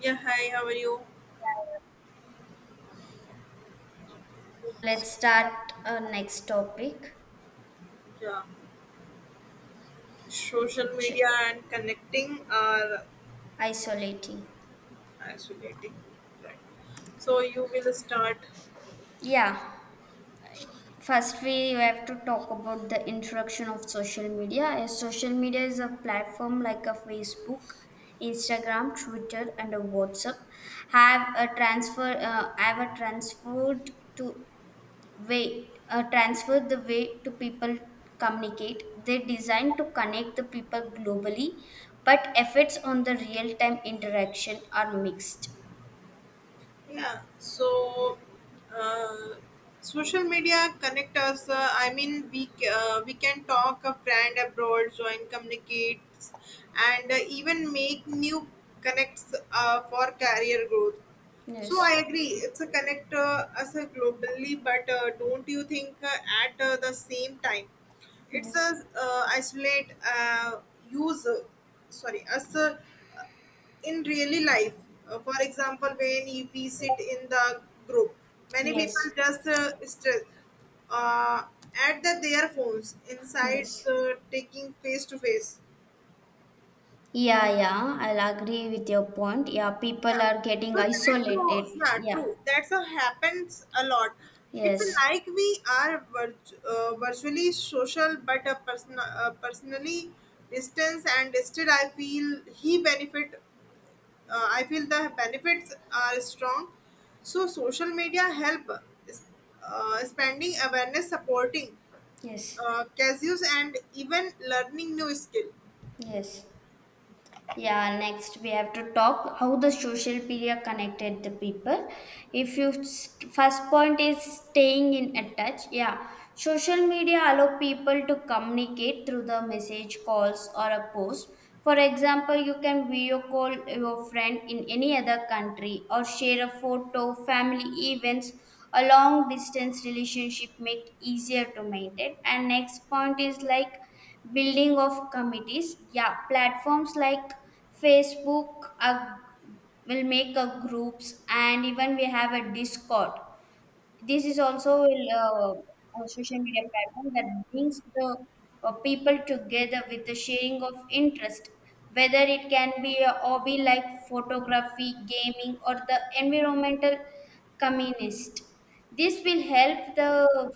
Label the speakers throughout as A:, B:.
A: Yeah, hi, how are you?
B: Let's start our next topic.
A: Yeah, social
B: Sh-
A: media and connecting are
B: Isolating.
A: isolating. Right. So you will start.
B: Yeah, first we have to talk about the introduction of social media. As social media is a platform like a Facebook, Instagram, Twitter, and a WhatsApp have a transfer have a transferred to way transfer the way to people communicate. They designed to connect the people globally, but efforts on the real time interaction are mixed.
A: Yeah, so uh, social media connect us. I mean, we can talk a friend abroad, join, communicate, and even make new connects for career growth. So I
B: Yes,
A: agree, it's a connect us globally, but don't you think at the same time, it's
B: yes,
A: a isolate use. Uh, us. In really life for example when we sit in the group, many people
B: yes,
A: just stress uh, at their phones insides
B: yes.
A: taking face to face,
B: Yeah, yeah, I'll agree with your point. Yeah, people are getting
A: so that's
B: isolated.
A: so, yeah,
B: Yeah,
A: true, that's a happens a lot. It's
B: yes,
A: like we are virtually social but personally distance, and still I feel he benefit I feel the benefits are strong. So social media help is- expanding awareness, supporting
B: yes,
A: casuals, and even learning new skill.
B: yes. Yeah, next we have to talk how the social media connected the people. If you st- First point is staying in a touch, yeah, social media allow people to communicate through the message, calls, or a post. For example, you can video call your friend in any other country or share a photo. Family events, a long distance relationship make easier to maintain. And next point is like building of committees. Yeah, platforms like Facebook will make a groups, and even we have a Discord, this is also a social media platform that brings the people together with the sharing of interest, whether it can be a hobby like photography, gaming, or the environmental communist. This will help the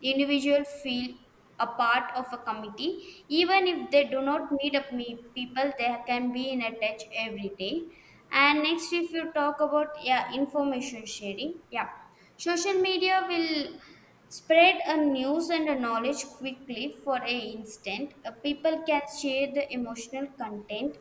B: individual feel a part of a committee, even if they do not meet up me people, they can be in a touch every day. And next, if you talk about yeah information sharing, yeah, social media will spread a news and a knowledge quickly for a instant. People can share the emotional content,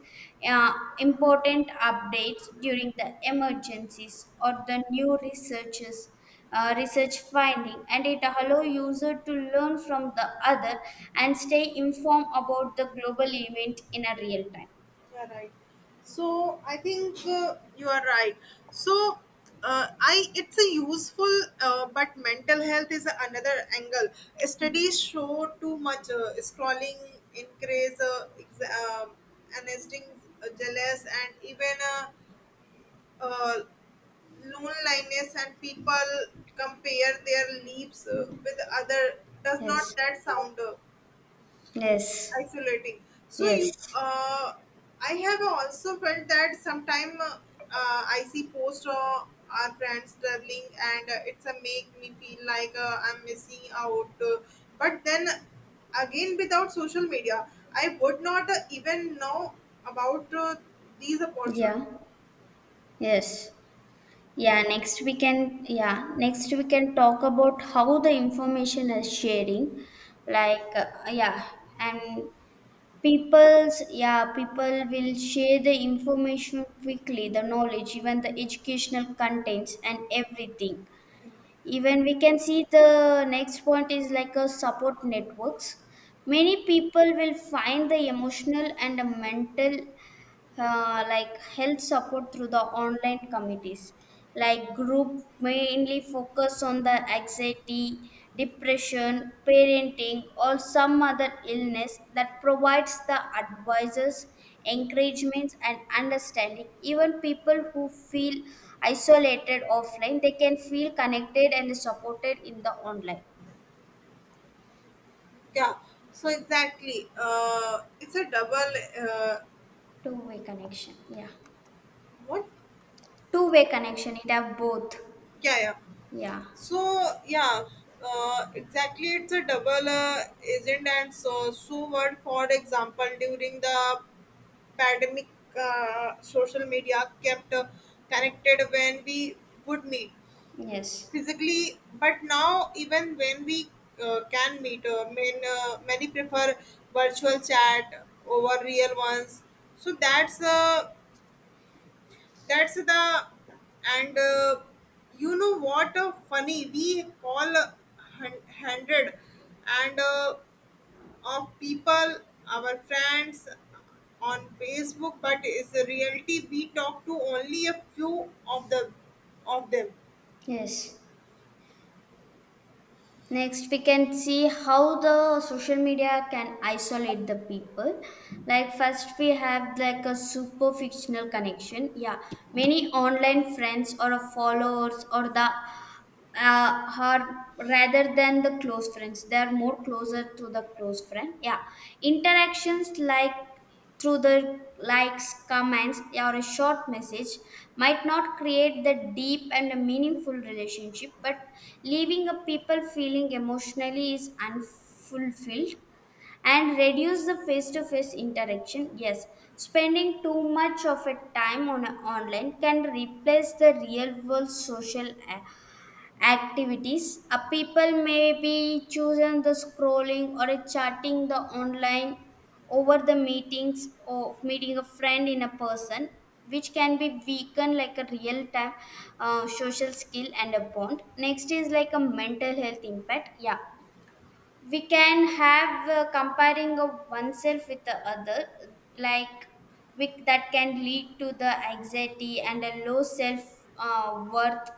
B: uh, important updates during the emergencies or the new researches. Research finding and it allow user to learn from the other and stay informed about the global event in a real time.
A: Yeah, right, so I think you are right. So I it's a useful, but mental health is another angle. Studies show too much scrolling increase anesthetic, jealous, and even uh, loneliness, and people compare their lives with other. Does not
B: Yes.
A: that sound
B: Yes.
A: isolating? So
B: Yes.
A: you I have also felt that sometime, I see posts of our friends traveling, and it's a make me feel like I'm missing out, but then again without social media I would not even know about these opportunities.
B: Yeah. Yes. Yeah, next we can talk about how the information is sharing. Like yeah, and people's yeah, people will share the information quickly, the knowledge, even the educational contents and everything. Even we can see the next point is like a support networks. Many people will find the emotional and the mental like health support through the online committees like group mainly focus on the anxiety depression parenting or some other illness that provides the advisors encouragements and understanding, even people who feel isolated offline they can feel connected and supported in the online.
A: Yeah, so exactly. It's a double. Uh,
B: Two way connection, yeah.
A: what?
B: Two way connection, it have both.
A: Yeah, yeah.
B: Yeah,
A: So yeah, exactly. It's a double agent, and so word. For example, during the pandemic, social media kept connected when we would meet
B: yes,
A: physically, but now even when we can meet, many prefer virtual chat over real ones. So that's the, and you know what, funny, we call hundred and of people, our friends on Facebook, but is the reality we talk to only a few of the of them.
B: yes. Next, we can see how the social media can isolate the people. Like, first, we have like a super fictional connection. Yeah, many online friends or followers or the her rather than the close friends, they are more closer to the close friend, yeah. Interactions like through the likes comments or a short message might not create the deep and a meaningful relationship but leaving a people feeling emotionally is unfulfilled and reduce the face-to-face interaction, yes. Spending too much of a time on a online can replace the real world social activities. A people may be choosing the scrolling or a chatting the online over the meetings or meeting a friend in a person, which can be weakened like a real time social skill and a bond. Next is like a mental health impact. Yeah, we can have comparing of oneself with the other, like we, that can lead to the anxiety and a low self worth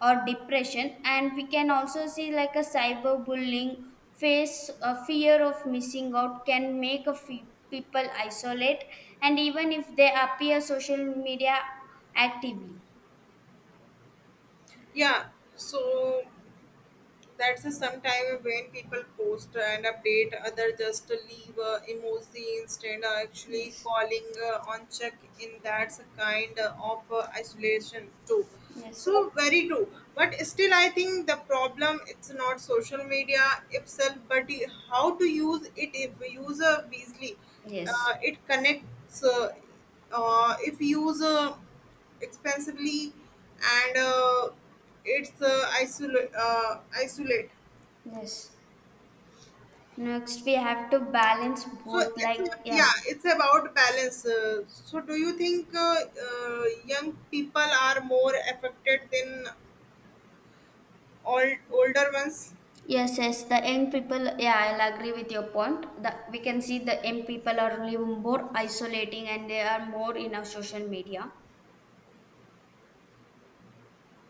B: or depression, and we can also see like a cyberbullying, face a fear of missing out can make a people isolate and even if they appear social media actively.
A: Yeah, so that's a sometime when people post and update, other just leave emoji instead of actually
B: Yes,
A: calling on check in. That's a kind of isolation too.
B: yes,
A: So very true. But still, I think the problem it's not social media itself, but how to use it, if we use wisely.
B: yes,
A: It connects if you use expensively, and it's isolate.
B: yes. Next, we have to balance
A: So
B: both,
A: it's
B: like, yeah,
A: yeah, it's about balance. So do you think young people are more affected than all older ones?
B: yes, yes, the young people, yeah, I'll agree with your point. The we can see the young people are living more isolating and they are more in our social media.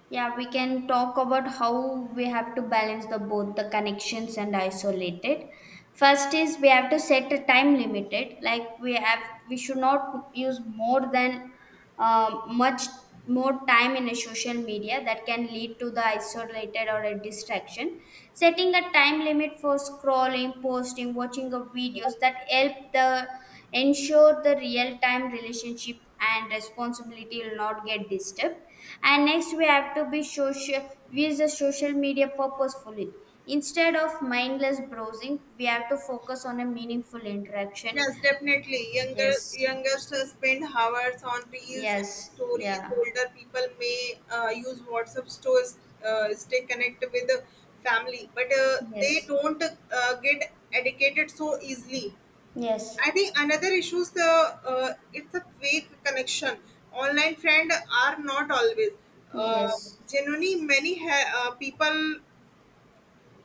B: Yeah, we can talk about how we have to balance the both the connections and isolated. First is we have to set a time limited. Like we have, we should not use more than much more time in a social media that can lead to the isolated or a distraction. Setting a time limit for scrolling, posting, watching of videos that help the ensure the real time relationship and responsibility will not get disturbed, and next we have to be social, we use the social media purposefully instead of mindless browsing, we have to focus on a meaningful interaction.
A: Yes, definitely younger
B: Yes,
A: youngest spend hours on reels and
B: yes,
A: stories.
B: yeah,
A: Older people may use WhatsApp to stay connected with the family, but they
B: yes,
A: don't get educated so easily.
B: yes,
A: I think another issue is the it's a fake connection. Online friends are not always uh,
B: yes,
A: genuinely. People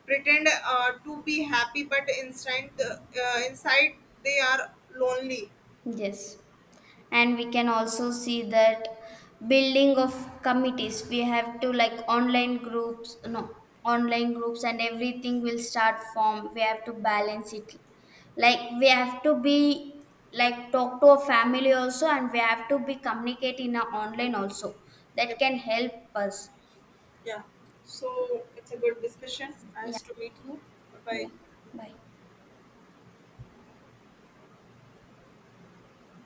A: pretend to be happy, but inside they are lonely.
B: yes. And we can also see that building of committees, we have to like online groups, no, online groups and everything will start form, we have to balance it, like we have to be like talk to a family also and we have to be communicate in a online also,
A: Yeah,
B: that can help us.
A: yeah. So it's a good discussion.
B: Yeah,
A: Nice to meet you. Bye.
B: yeah, bye.